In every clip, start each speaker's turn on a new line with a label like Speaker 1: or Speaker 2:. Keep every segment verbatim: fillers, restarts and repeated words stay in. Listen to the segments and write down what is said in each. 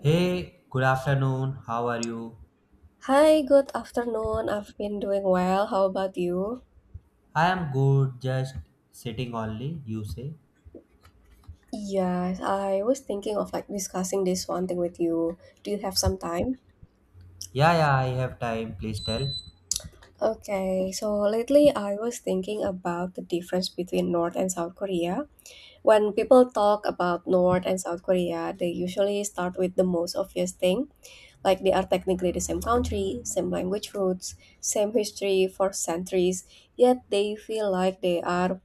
Speaker 1: Hey, good afternoon. How are you?
Speaker 2: Hi, good afternoon. I've been doing well. How about you?
Speaker 1: I am good, just sitting only, you say.
Speaker 2: Yes, I was thinking of like discussing this one thing with you. Do you have some time?
Speaker 1: Yeah, yeah, I have time. Please tell.
Speaker 2: Okay, so lately I was thinking about the difference between North and South Korea. When people talk about North and South Korea, they usually start with the most obvious thing, like they are technically the same country, same language roots, same history for centuries, yet they feel like they are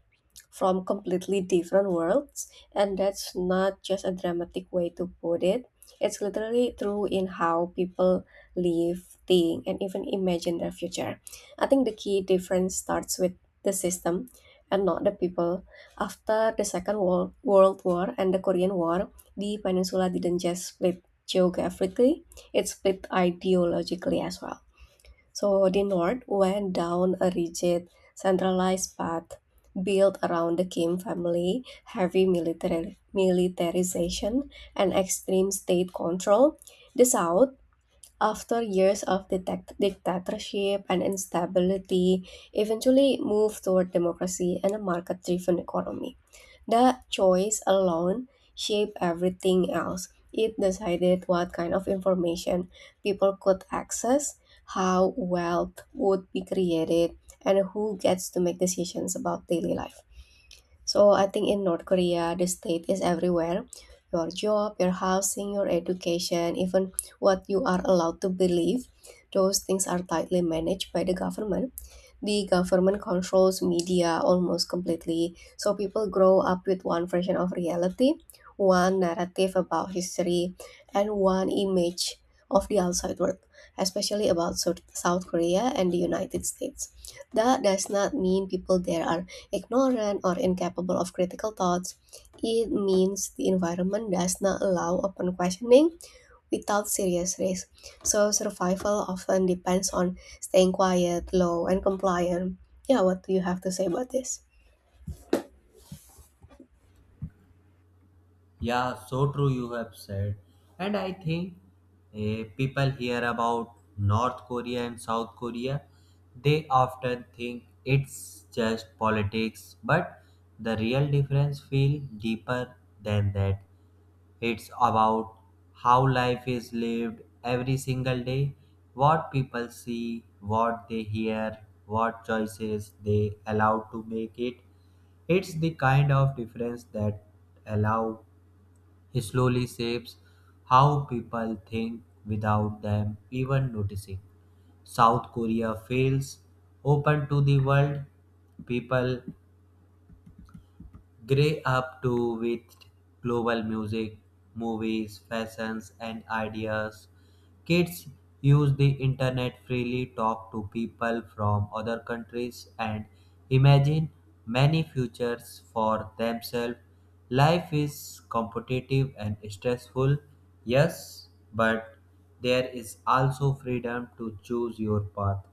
Speaker 2: from completely different worlds, and that's not just a dramatic way to put it. It's literally true in how people live, think, and even imagine their future. I think the key difference starts with the system and not the people. After the Second World, World War and the Korean War, the peninsula didn't just split geographically, it split ideologically as well. So the North went down a rigid, centralized path built around the Kim family, heavy military, militarization, and extreme state control. The South, after years of dictat- dictatorship and instability, eventually moved toward democracy and a market driven economy. That choice alone shaped everything else. It decided what kind of information people could access, how wealth would be created, and who gets to make decisions about daily life. So I think in North Korea, the state is everywhere. Your job, your housing, your education, even what you are allowed to believe, those things are tightly managed by the government. The government controls media almost completely, so people grow up with one version of reality, one narrative about history, and one image of the outside world, especially about South South Korea and the United States. That does not mean people there are ignorant or incapable of critical thoughts. It means the environment does not allow open questioning without serious risk. So survival often depends on staying quiet, low, and compliant. Yeah, what do you have to say about this?
Speaker 1: Yeah, so true you have said. And I think eh, people hear about North Korea and South Korea, they often think it's just politics, but the real difference feel deeper than that. It's about how life is lived every single day, what people see, what they hear, what choices they allow to make it. It's the kind of difference that allow he slowly shapes how people think without them even noticing. South Korea fails open to the world. People Gray up to with global music, movies, fashions, and ideas. Kids use the internet freely, talk to people from other countries, and imagine many futures for themselves. Life is competitive and stressful, yes, but there is also freedom to choose your path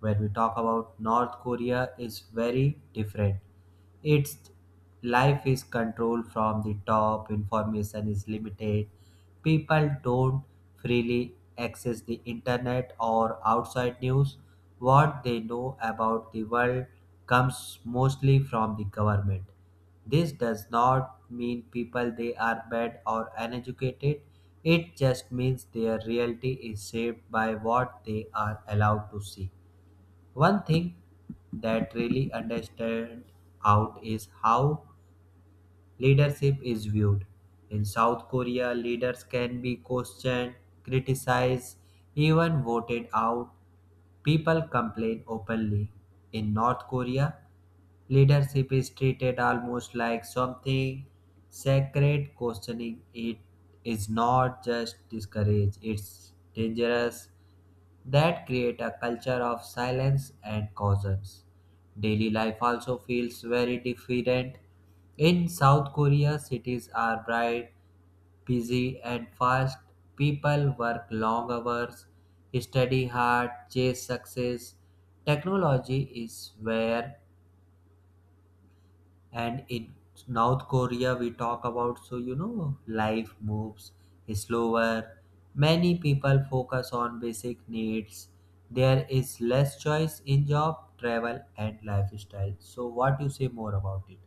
Speaker 1: when we talk about North Korea is very different its life is controlled from the top information is limited people don't freely access the internet or outside news what they know about the world comes mostly from the government this does not mean people they are bad or uneducated it just means their reality is shaped by what they are allowed to see one thing that really understand out is how leadership is viewed. In South Korea, leaders can be questioned, criticized, even voted out. People complain openly. In North Korea, leadership is treated almost like something sacred. Questioning it is not just discouraged, it's dangerous that create a culture of silence and cautions. Daily life also feels very different. In South Korea, cities are bright, busy, and fast. People work long hours, study hard, chase success. Technology is where and in North Korea we talk about so, you know, life moves slower, many people focus on basic needs, there is less choice in job travel and lifestyle. So what you say more about it?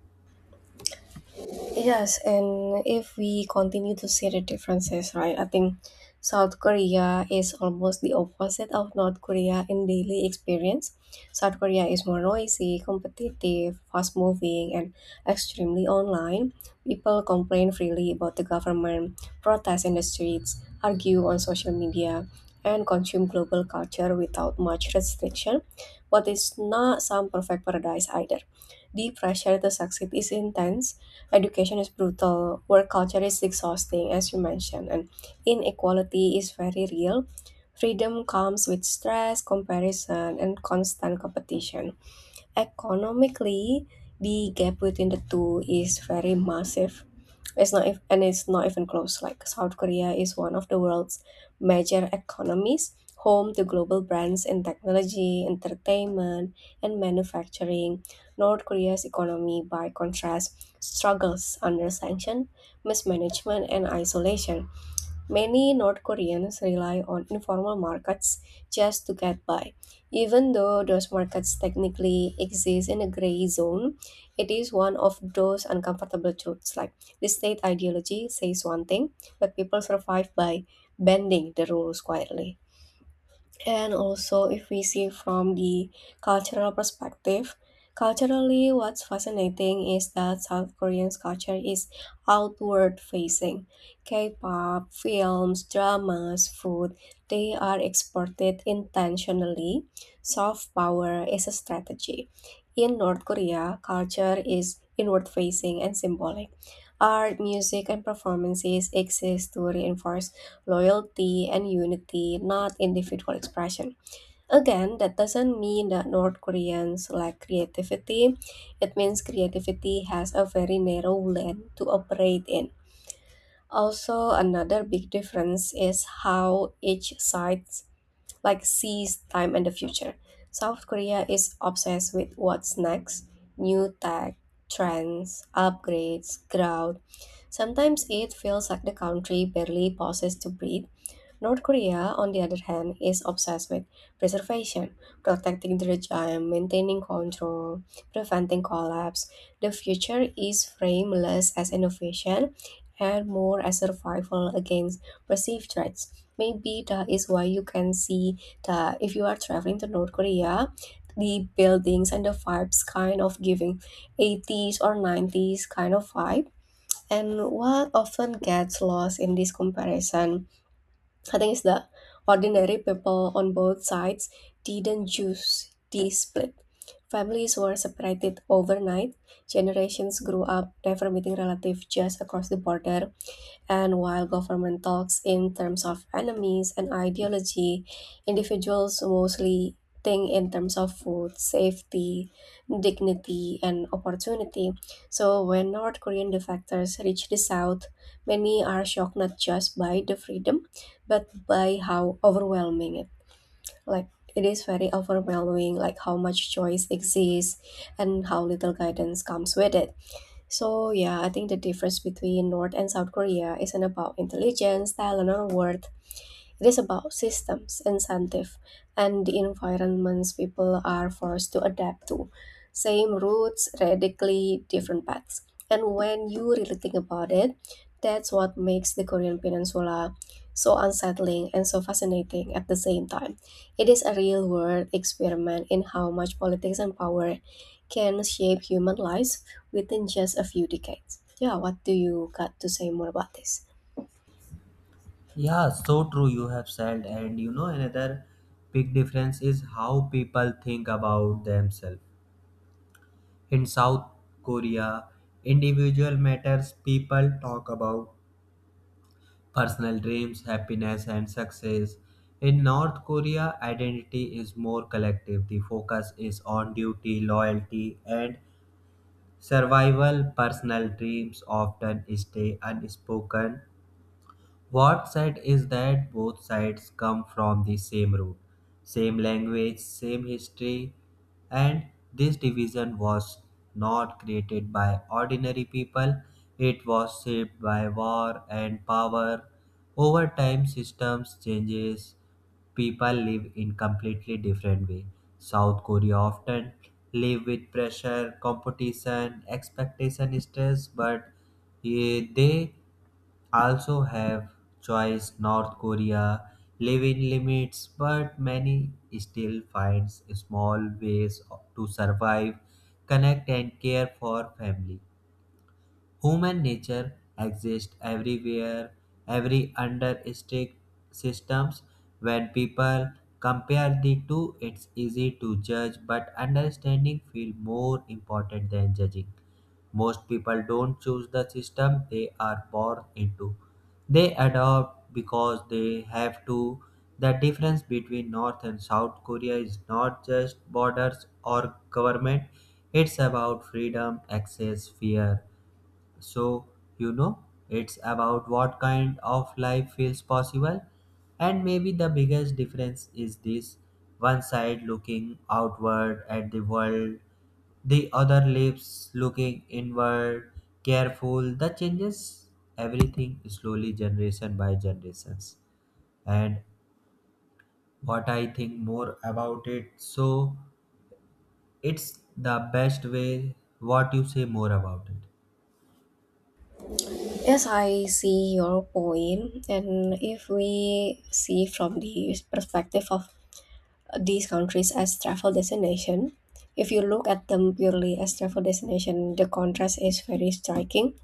Speaker 2: Yes, and if we continue to see the differences, right? I think South Korea is almost the opposite of North Korea in daily experience. South Korea is more noisy, competitive, fast moving, and extremely online. People complain freely about the government, protest in the streets, argue on social media, and consume global culture without much restriction. But it's not some perfect paradise either. The pressure to succeed is intense. Education is brutal, work culture is exhausting, as you mentioned, and inequality is very real. Freedom comes with stress, comparison, and constant competition. Economically, the gap between the two is very massive. It's not if, and it's not even close. Like South Korea is one of the world's major economies, home to global brands in technology, entertainment, and manufacturing. North Korea's economy, by contrast, struggles under sanction, mismanagement, and isolation. Many North Koreans rely on informal markets just to get by. Even though those markets technically exist in a gray zone, it is one of those uncomfortable truths. Like the state ideology says one thing, but people survive by bending the rules quietly. And also, if we see from the cultural perspective, culturally, what's fascinating is that South Korean's culture is outward facing. K pop, films, dramas, food, they are exported intentionally. Soft power is a strategy. In North Korea, culture is inward facing and symbolic. Art, music, and performances exist to reinforce loyalty and unity, not individual expression. Again, that doesn't mean that North Koreans lack creativity. It means creativity has a very narrow lane to operate in. Also, another big difference is how each side like sees time and the future. South Korea is obsessed with what's next, new tech, trends, upgrades, crowd. Sometimes it feels like the country barely pauses to breathe. North Korea, on the other hand, is obsessed with preservation, protecting the regime, maintaining control, preventing collapse. The future is framed less as innovation and more as survival against perceived threats. Maybe that is why you can see that if you are traveling to North Korea, the buildings and the vibes kind of giving eighties or nineties kind of vibe. And what often gets lost in this comparison, I think it's the ordinary people on both sides didn't choose the split. Families were separated overnight. Generations grew up never meeting relatives just across the border. And while government talks in terms of enemies and ideology, individuals mostly think in terms of food, safety, dignity, and opportunity. So when North Korean defectors reach the South, many are shocked not just by the freedom, but by how overwhelming it. Like it is very overwhelming, like how much choice exists and how little guidance comes with it. So yeah, I think the difference between North and South Korea isn't about intelligence, talent, or worth. It is about systems, incentive, and the environments people are forced to adapt to. Same routes, radically different paths. And when you really think about it, that's what makes the Korean Peninsula so unsettling and so fascinating at the same time. It is a real world experiment in how much politics and power can shape human lives within just a few decades. Yeah, what do you got to say more about this?
Speaker 1: Yeah, so true you have said. And you know another big difference is how people think about themselves in South Korea. Individual matters, people talk about personal dreams, happiness, and success. In North Korea, identity is more collective. The focus is on duty, loyalty, and survival. Personal dreams often stay unspoken. What sad is that both sides come from the same root, same language, same history, and this division was not created by ordinary people, it was shaped by war and power. Over time, systems changes, people live in completely different way. South Korea often live with pressure, competition, expectation, stress, but eh, they also have choice. North Korea living limits, but many still finds small ways to survive, connect and care for family. Human nature exists everywhere, every under strict systems. When people compare the two, it's easy to judge, but understanding feels more important than judging. Most people don't choose the system they are born into. They adopt because they have to. The difference between North and South Korea is not just borders or government, it's about freedom, access, fear. So, you know, it's about what kind of life feels possible. And maybe the biggest difference is this: one side looking outward at the world, the other lives looking inward, careful. That changes everything slowly, generation by generations. And what I think more about it, so it's the best way. What you say more about it?
Speaker 2: Yes, I see your point. And if we see from the perspective of these countries as travel destination. If you look at them purely as travel destination, the contrast is very striking.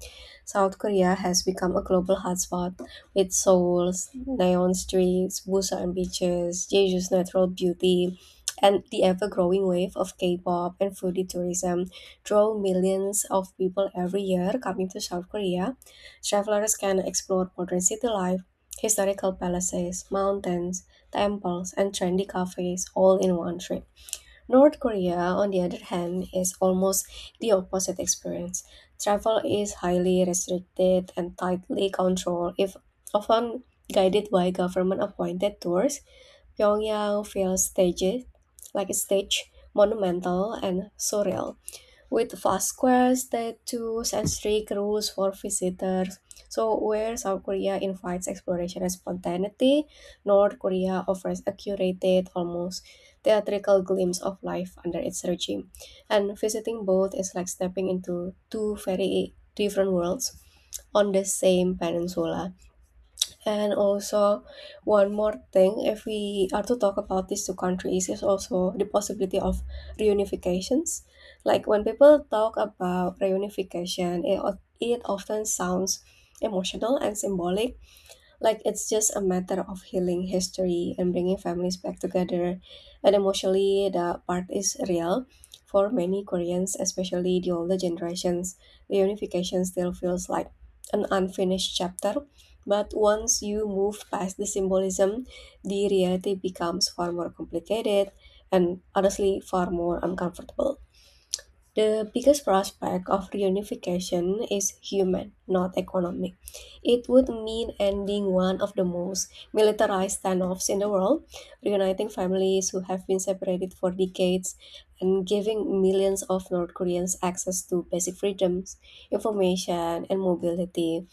Speaker 2: South Korea has become a global hotspot with Seoul's neon streets, Busan beaches, Jeju's natural beauty, and the ever-growing wave of K-pop and foodie tourism draw millions of people every year coming to South Korea. Travelers can explore modern city life, historical palaces, mountains, temples, and trendy cafes all in one trip. North Korea, on the other hand, is almost the opposite experience. Travel is highly restricted and tightly controlled, if often guided by government-appointed tours. Pyongyang feels staged, like a stage, monumental, and surreal with fast squares that two sensory cruise for visitors. So where South Korea invites exploration and spontaneity, North Korea offers a curated, almost theatrical glimpse of life under its regime. And visiting both is like stepping into two very different worlds on the same peninsula. And also, one more thing, if we are to talk about these two countries, is also the possibility of reunifications. Like when people talk about reunification, it, o- it often sounds emotional and symbolic, like it's just a matter of healing history and bringing families back together. And emotionally, the part is real. For many Koreans, especially the older generations, the unification still feels like an unfinished chapter. But once you move past the symbolism, the reality becomes far more complicated and honestly far more uncomfortable. The biggest prospect of reunification is human, not economic. It would mean ending one of the most militarized standoffs in the world, reuniting families who have been separated for decades, and giving millions of North Koreans access to basic freedoms, information, and mobility.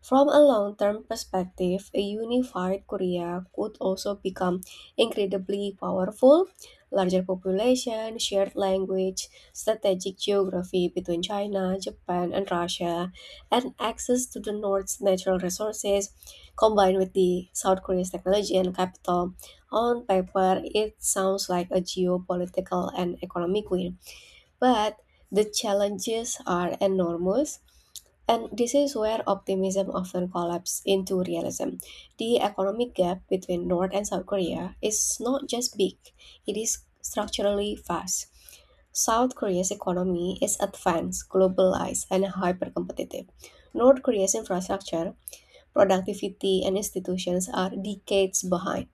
Speaker 2: From a long term perspective, a unified Korea could also become incredibly powerful. Larger population, shared language, strategic geography between China, Japan, and Russia, and access to the North's natural resources, combined with the South Korea's technology and capital. On paper, it sounds like a geopolitical and economic win, but the challenges are enormous and this is where optimism often collapses into realism. The economic gap between North and South Korea is not just big, it is structurally vast. South Korea's economy is advanced, globalized, and hyper competitive. North Korea's infrastructure, productivity, and institutions are decades behind.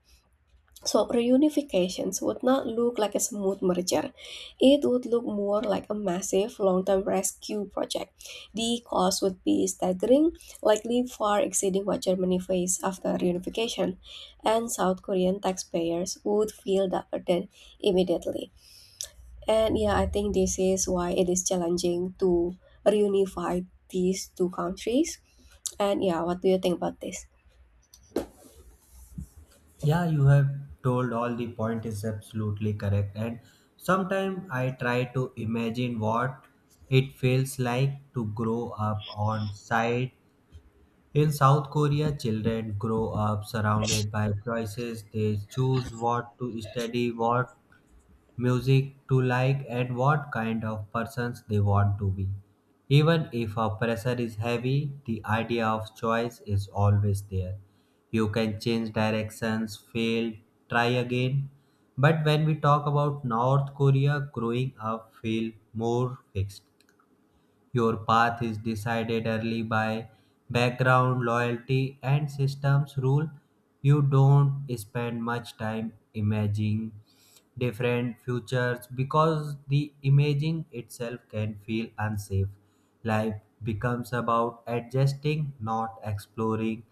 Speaker 2: So reunifications would not look like a smooth merger. It would look more like a massive long-term rescue project. The cost would be staggering, likely far exceeding what Germany faced after reunification, and South Korean taxpayers would feel the burden immediately. And yeah, I think this is why it is challenging to reunify these two countries. And yeah, what do you think about this?
Speaker 1: Yeah, you have told all the point is absolutely correct. And sometimes I try to imagine what it feels like to grow up on site. In South Korea, children grow up surrounded by choices. They choose what to study, what music to like and what kind of persons they want to be. Even if a pressure is heavy, the idea of choice is always there. You can change directions, fail, try again. But when we talk about North Korea, growing up feel more fixed. Your path is decided early by background, loyalty, and systems rule. You don't spend much time imagining different futures because the imaging itself can feel unsafe. Life becomes about adjusting, not exploring.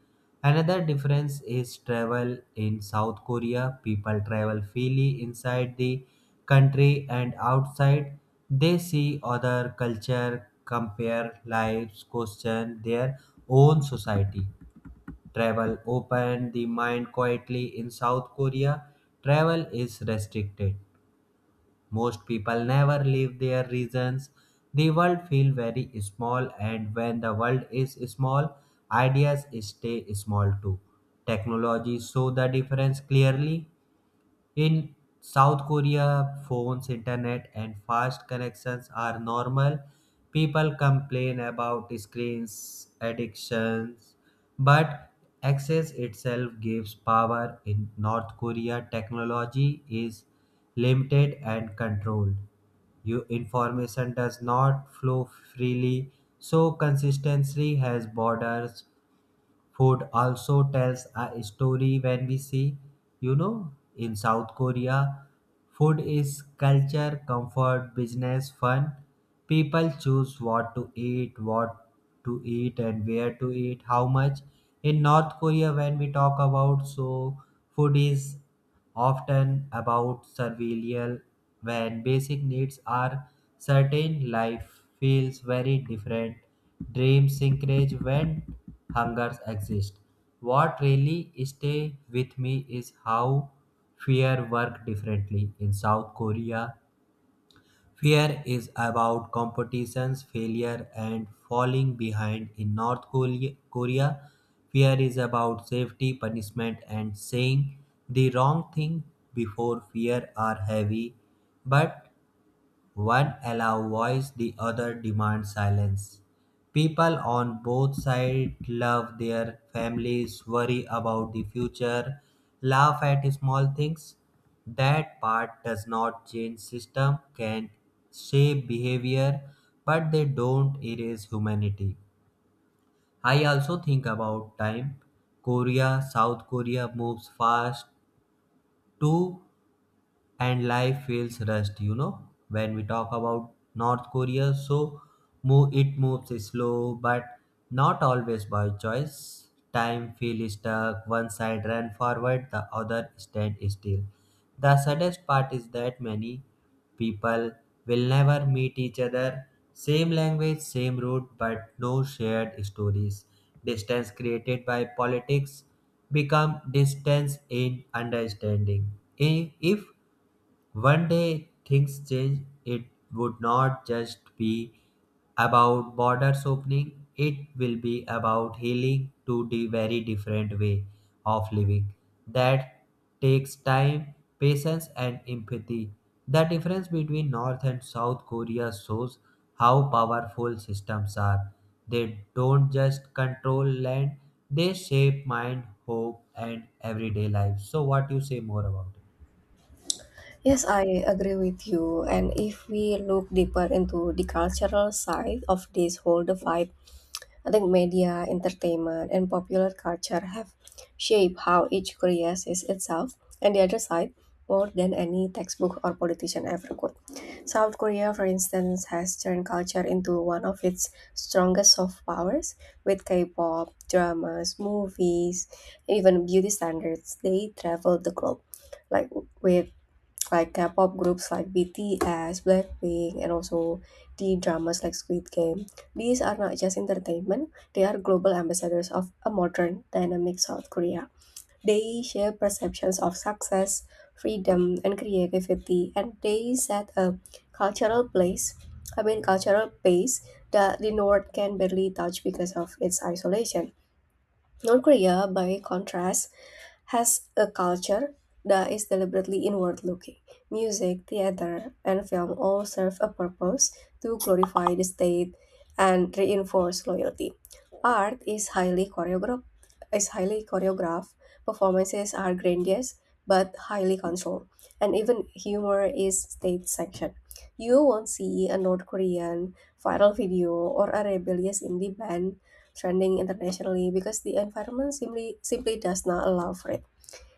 Speaker 1: Another difference is travel in South Korea. People travel freely inside the country and outside. They see other culture, compare lives, question their own society. Travel open the mind quietly in South Korea. Travel is restricted. Most people never leave their regions. The world feels very small, and when the world is small, ideas stay small too. Technology show the difference clearly. In South Korea, phones, internet, and fast connections are normal. People complain about screens addictions, but access itself gives power. In North Korea, technology is limited and controlled. Your information does not flow freely, so consistency has borders. Food also tells a story. When we see, you know, in South Korea, food is culture, comfort, business, fun. People choose what to eat, what to eat and where to eat, how much. In North Korea, when we talk about so, food is often about survival. When basic needs are certain, life feels very different. Dreams encourage when hungers exist. What really stay with me is how fear work differently. In South Korea, fear is about competition's failure and falling behind. In North Kole- Korea, fear is about safety, punishment, and saying the wrong thing. Before fear are heavy, but one allows voice, the other demands silence. People on both sides love their families, worry about the future, laugh at small things. That part does not change system, can shape behavior, but they don't erase humanity. I also think about time. Korea, South Korea moves fast too and life feels rushed. You know, when we talk about North Korea so, move, it moves slow, but not always by choice. Time feels stuck. One side ran forward, the other stand still. The saddest part is that many people will never meet each other. Same language, same route, but no shared stories. Distance created by politics become distance in understanding. I- if one day things change, it would not just be about borders opening, it will be about healing to the very different way of living. That takes time, patience, and empathy. The difference between North and South Korea shows how powerful systems are. They don't just control land, they shape mind, hope, and everyday life. So, what you say more about it?
Speaker 2: Yes, I agree with you. And if we look deeper into the cultural side of this whole divide, I think media, entertainment, and popular culture have shaped how each creates is itself and the other side more than any textbook or politician ever could. South Korea, for instance, has turned culture into one of its strongest soft powers with K-pop, dramas, movies, even beauty standards. They travel the globe like with like K-pop groups like B T S, Blackpink, and also the dramas like Squid Game. These are not just entertainment; they are global ambassadors of a modern, dynamic South Korea. They share perceptions of success, freedom, and creativity, and they set a cultural place. I mean, cultural pace that the North can barely touch because of its isolation. North Korea, by contrast, as a culture that is deliberately inward looking, music, theater, and film all serve a purpose to glorify the state and reinforce loyalty. Art is highly choreographed, is highly choreographed. Performances are grandiose but highly controlled, and even humor is state sanctioned. You won't see a North Korean viral video or a rebellious indie band trending internationally because the environment simply simply does not allow for it.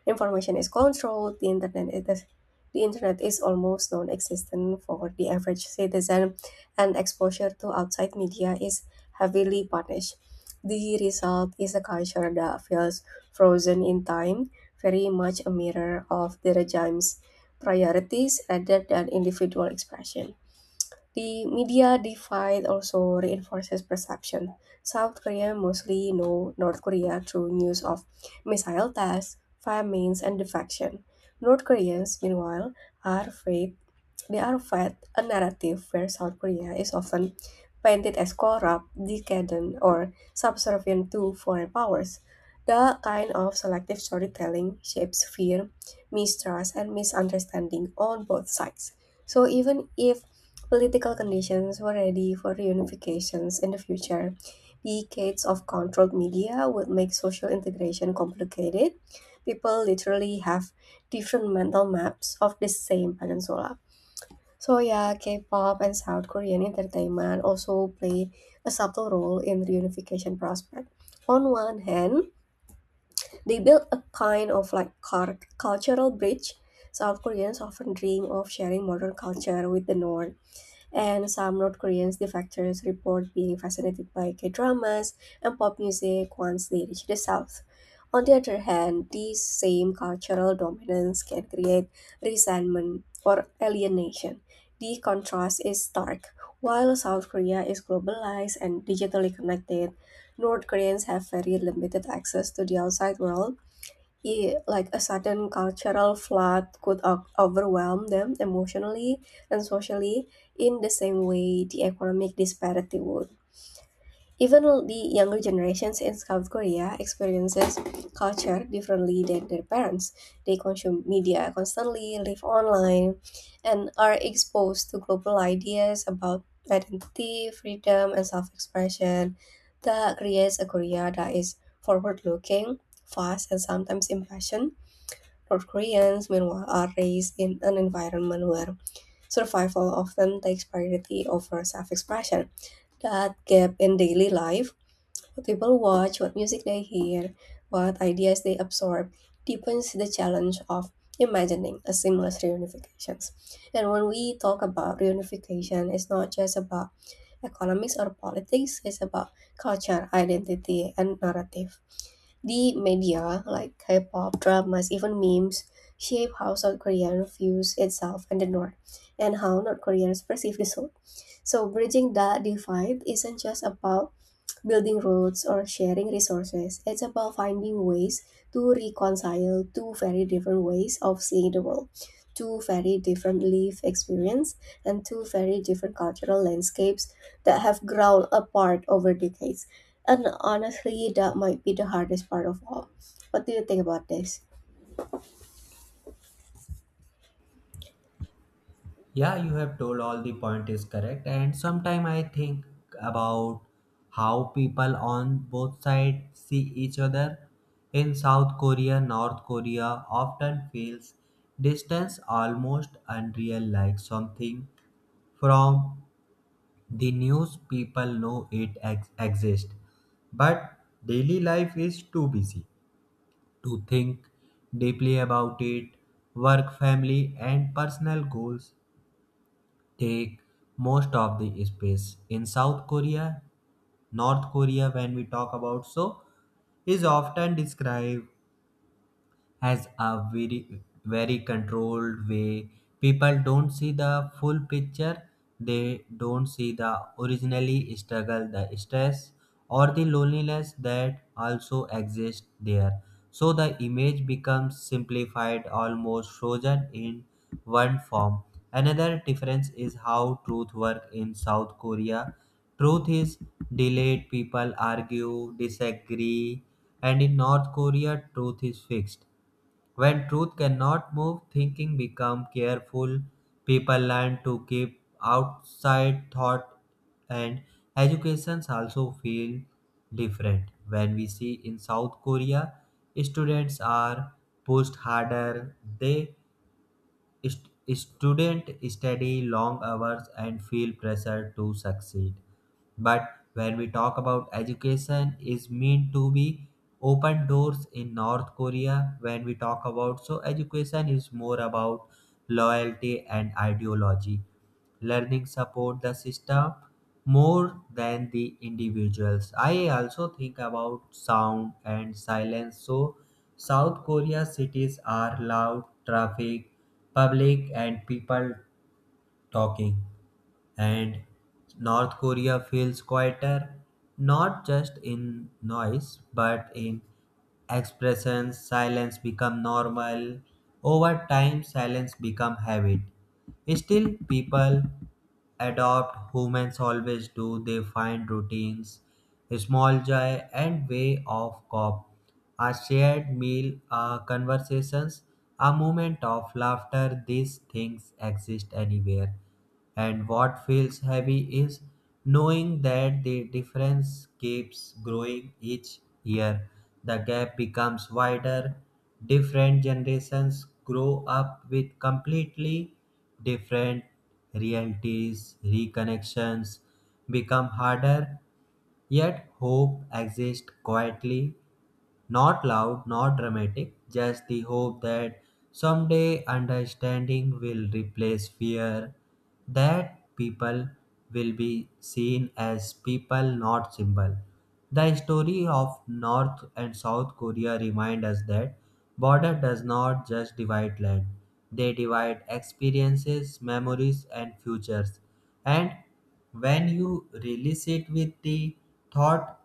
Speaker 2: Information is controlled. The internet is the, the internet is almost non-existent for the average citizen, and exposure to outside media is heavily punished. The result is a culture that feels frozen in time, very much a mirror of the regime's priorities rather than individual expression. The media divide also reinforces perception. South Korea mostly know North Korea through news of missile tests, famines, and defection. North Koreans, meanwhile, are afraid they are fed a narrative where South Korea is often painted as corrupt, decadent, or subservient to foreign powers. The kind of selective storytelling shapes fear, mistrust, and misunderstanding on both sides. So even if political conditions were ready for reunifications in the future, decades of controlled media would make social integration complicated. People literally have different mental maps of the same peninsula. So yeah, K-pop and South Korean entertainment also play a subtle role in reunification prospect. On one hand, they built a kind of like cul- cultural bridge. South Koreans often dream of sharing modern culture with the North, and some North Koreans defectors report being fascinated by K-dramas and pop music once they reach the South. On the other hand, these same cultural dominance can create resentment or alienation. The contrast is stark. While South Korea is globalized and digitally connected, North Koreans have very limited access to the outside world, yeah, like a sudden cultural flood could o- overwhelm them emotionally and socially in the same way the economic disparity would. Even the younger generations in South Korea experiences culture differently than their parents. They consume media constantly, live online, and are exposed to global ideas about identity, freedom, and self-expression. That creates a Korea that is forward-looking, fast, and sometimes impassioned. North Koreans, meanwhile, are raised in an environment where survival often takes priority over self expression. That gap in daily life, what people watch, what music they hear, what ideas they absorb, deepens the challenge of imagining a seamless reunification. And when we talk about reunification, it's not just about economics or politics, it's about culture, identity, and narrative. The media, like K pop, dramas, even memes, shape how South Korea views itself and the North, and how North Koreans perceive the South. So, bridging that divide isn't just about building roads, or sharing resources. It's about finding ways to reconcile two very different ways of seeing the world, two very different life experience, and two very different cultural landscapes that have grown apart over decades. And honestly, that might be the hardest part of all. What do you think about this?
Speaker 1: Yeah, you have told all the point is correct. And sometime I think about how people on both sides see each other. In South Korea, North Korea often feels distance almost unreal, like something from the news. People know it ex- exists. But daily life is too busy to think deeply about it. Work, family, and personal goals take most of the space in South Korea. North Korea, when we talk about so, is often described has a very very controlled way. People don't see the full picture, they don't see the originally struggle, the stress or the loneliness that also exists there. So the image becomes simplified, almost frozen in one form. Another difference is how truth work. In South Korea, truth is delayed, people argue, disagree. And in North Korea, truth is fixed. When truth cannot move, thinking become careful. People learn to keep outside thought. And educations also feel different. When we see in South Korea, students are pushed harder. They st- student study long hours and feel pressure to succeed. But when we talk about education is meant to be open doors. In North Korea, when we talk about so, education is more about loyalty and ideology. Learning support the system more than the individuals. I also think about sound and silence. So South Korea cities are loud, traffic, public and people talking. And North Korea feels quieter, not just in noise, but in expressions. Silence become normal. Over time, silence become habit. Still, people adopt. Humans always do. They find routines, small joy, and way of cop. A shared meal, a conversations, a moment of laughter. These things exist anywhere. And what feels heavy is knowing that the difference keeps growing each year. The gap becomes wider. Different generations grow up with completely different realities. Reconnections become harder, yet hope exists quietly, not loud, not dramatic, just the hope that someday understanding will replace fear, that people will be seen as people, not symbol. The story of North and South Korea remind us that border does not just divide land, they divide experiences, memories and futures. And when you release it with the thought,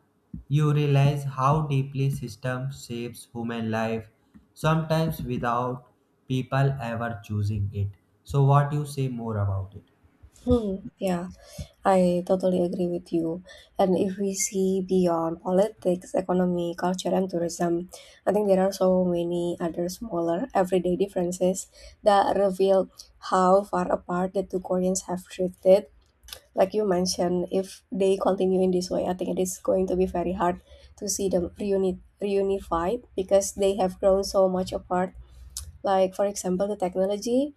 Speaker 1: you realize how deeply system shapes human life, sometimes without people ever choosing it. So what you say more about it?
Speaker 2: Hmm, yeah, I totally agree with you. And if we see beyond politics, economy, culture, and tourism, I think there are so many other smaller everyday differences that reveal how far apart the two Koreans have drifted. Like you mentioned, if they continue in this way, I think it is going to be very hard to see them reuni- reunified because they have grown so much apart. Like, for example, the technology.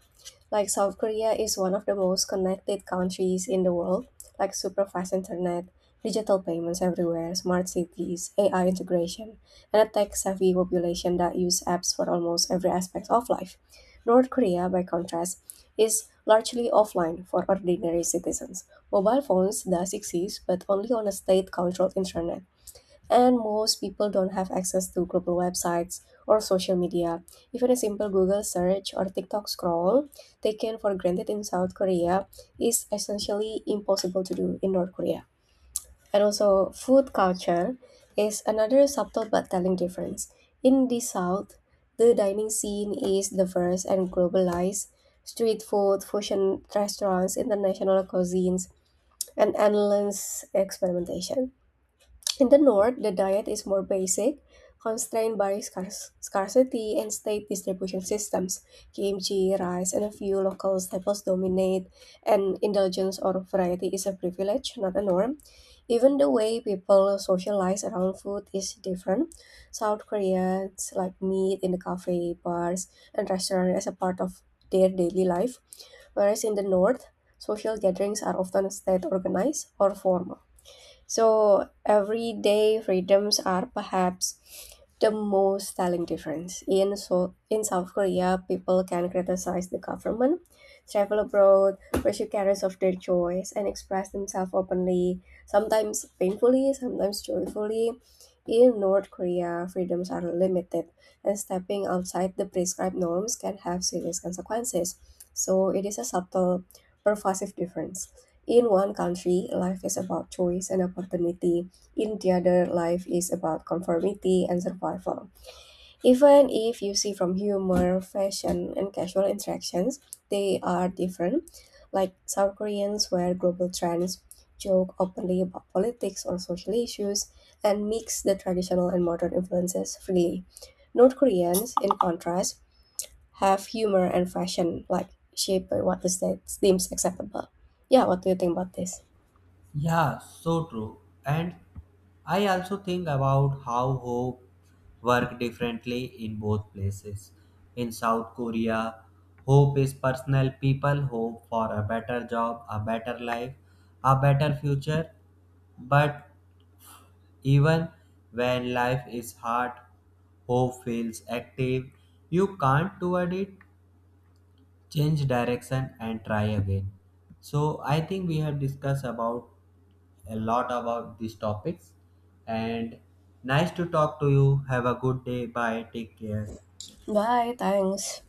Speaker 2: Like South Korea is one of the most connected countries in the world, like super fast internet, digital payments everywhere, smart cities, A I integration, and a tech-savvy population that use apps for almost every aspect of life. North Korea, by contrast, is largely offline for ordinary citizens. Mobile phones does exist, but only on a state-controlled internet and most people don't have access to global websites or social media. Even a simple Google search or TikTok scroll, taken for granted in South Korea, is essentially impossible to do in North Korea. And also, food culture is another subtle but telling difference. In the South, the dining scene is diverse and globalized. Street food, fusion restaurants, international cuisines, and endless experimentation. In the north, the diet is more basic, constrained by scarce- scarcity and state distribution systems. Kimchi, rice, and a few local staples dominate, and indulgence or variety is a privilege, not a norm. Even the way people socialize around food is different. South Koreans like meat in the cafe, bars, and restaurants as a part of their daily life, whereas in the north, social gatherings are often state organized or formal. So everyday freedoms are perhaps the most telling difference. In so in South Korea, people can criticize the government, travel abroad, pursue careers of their choice, and express themselves openly, sometimes painfully, sometimes joyfully. In North Korea, freedoms are limited, and stepping outside the prescribed norms can have serious consequences. So it is a subtle, pervasive difference. In one country, life is about choice and opportunity. In the other, life is about conformity and survival. Even if you see from humor, fashion, and casual interactions, they are different. Like South Koreans wear global trends, joke openly about politics or social issues, and mix the traditional and modern influences freely. North Koreans, in contrast, have humor and fashion like shaped by what is that seems acceptable. Yeah, what do you think about this?
Speaker 1: Yeah, so true. And I also think about how hope work differently in both places. In South Korea, hope is personal. People hope for a better job, a better life, a better future. But even when life is hard, hope feels active. You can't towards it, change direction and try again. So I think we have discussed about a lot about these topics, and nice to talk to you. Have a good day. Bye. Take care.
Speaker 2: Bye. Thanks.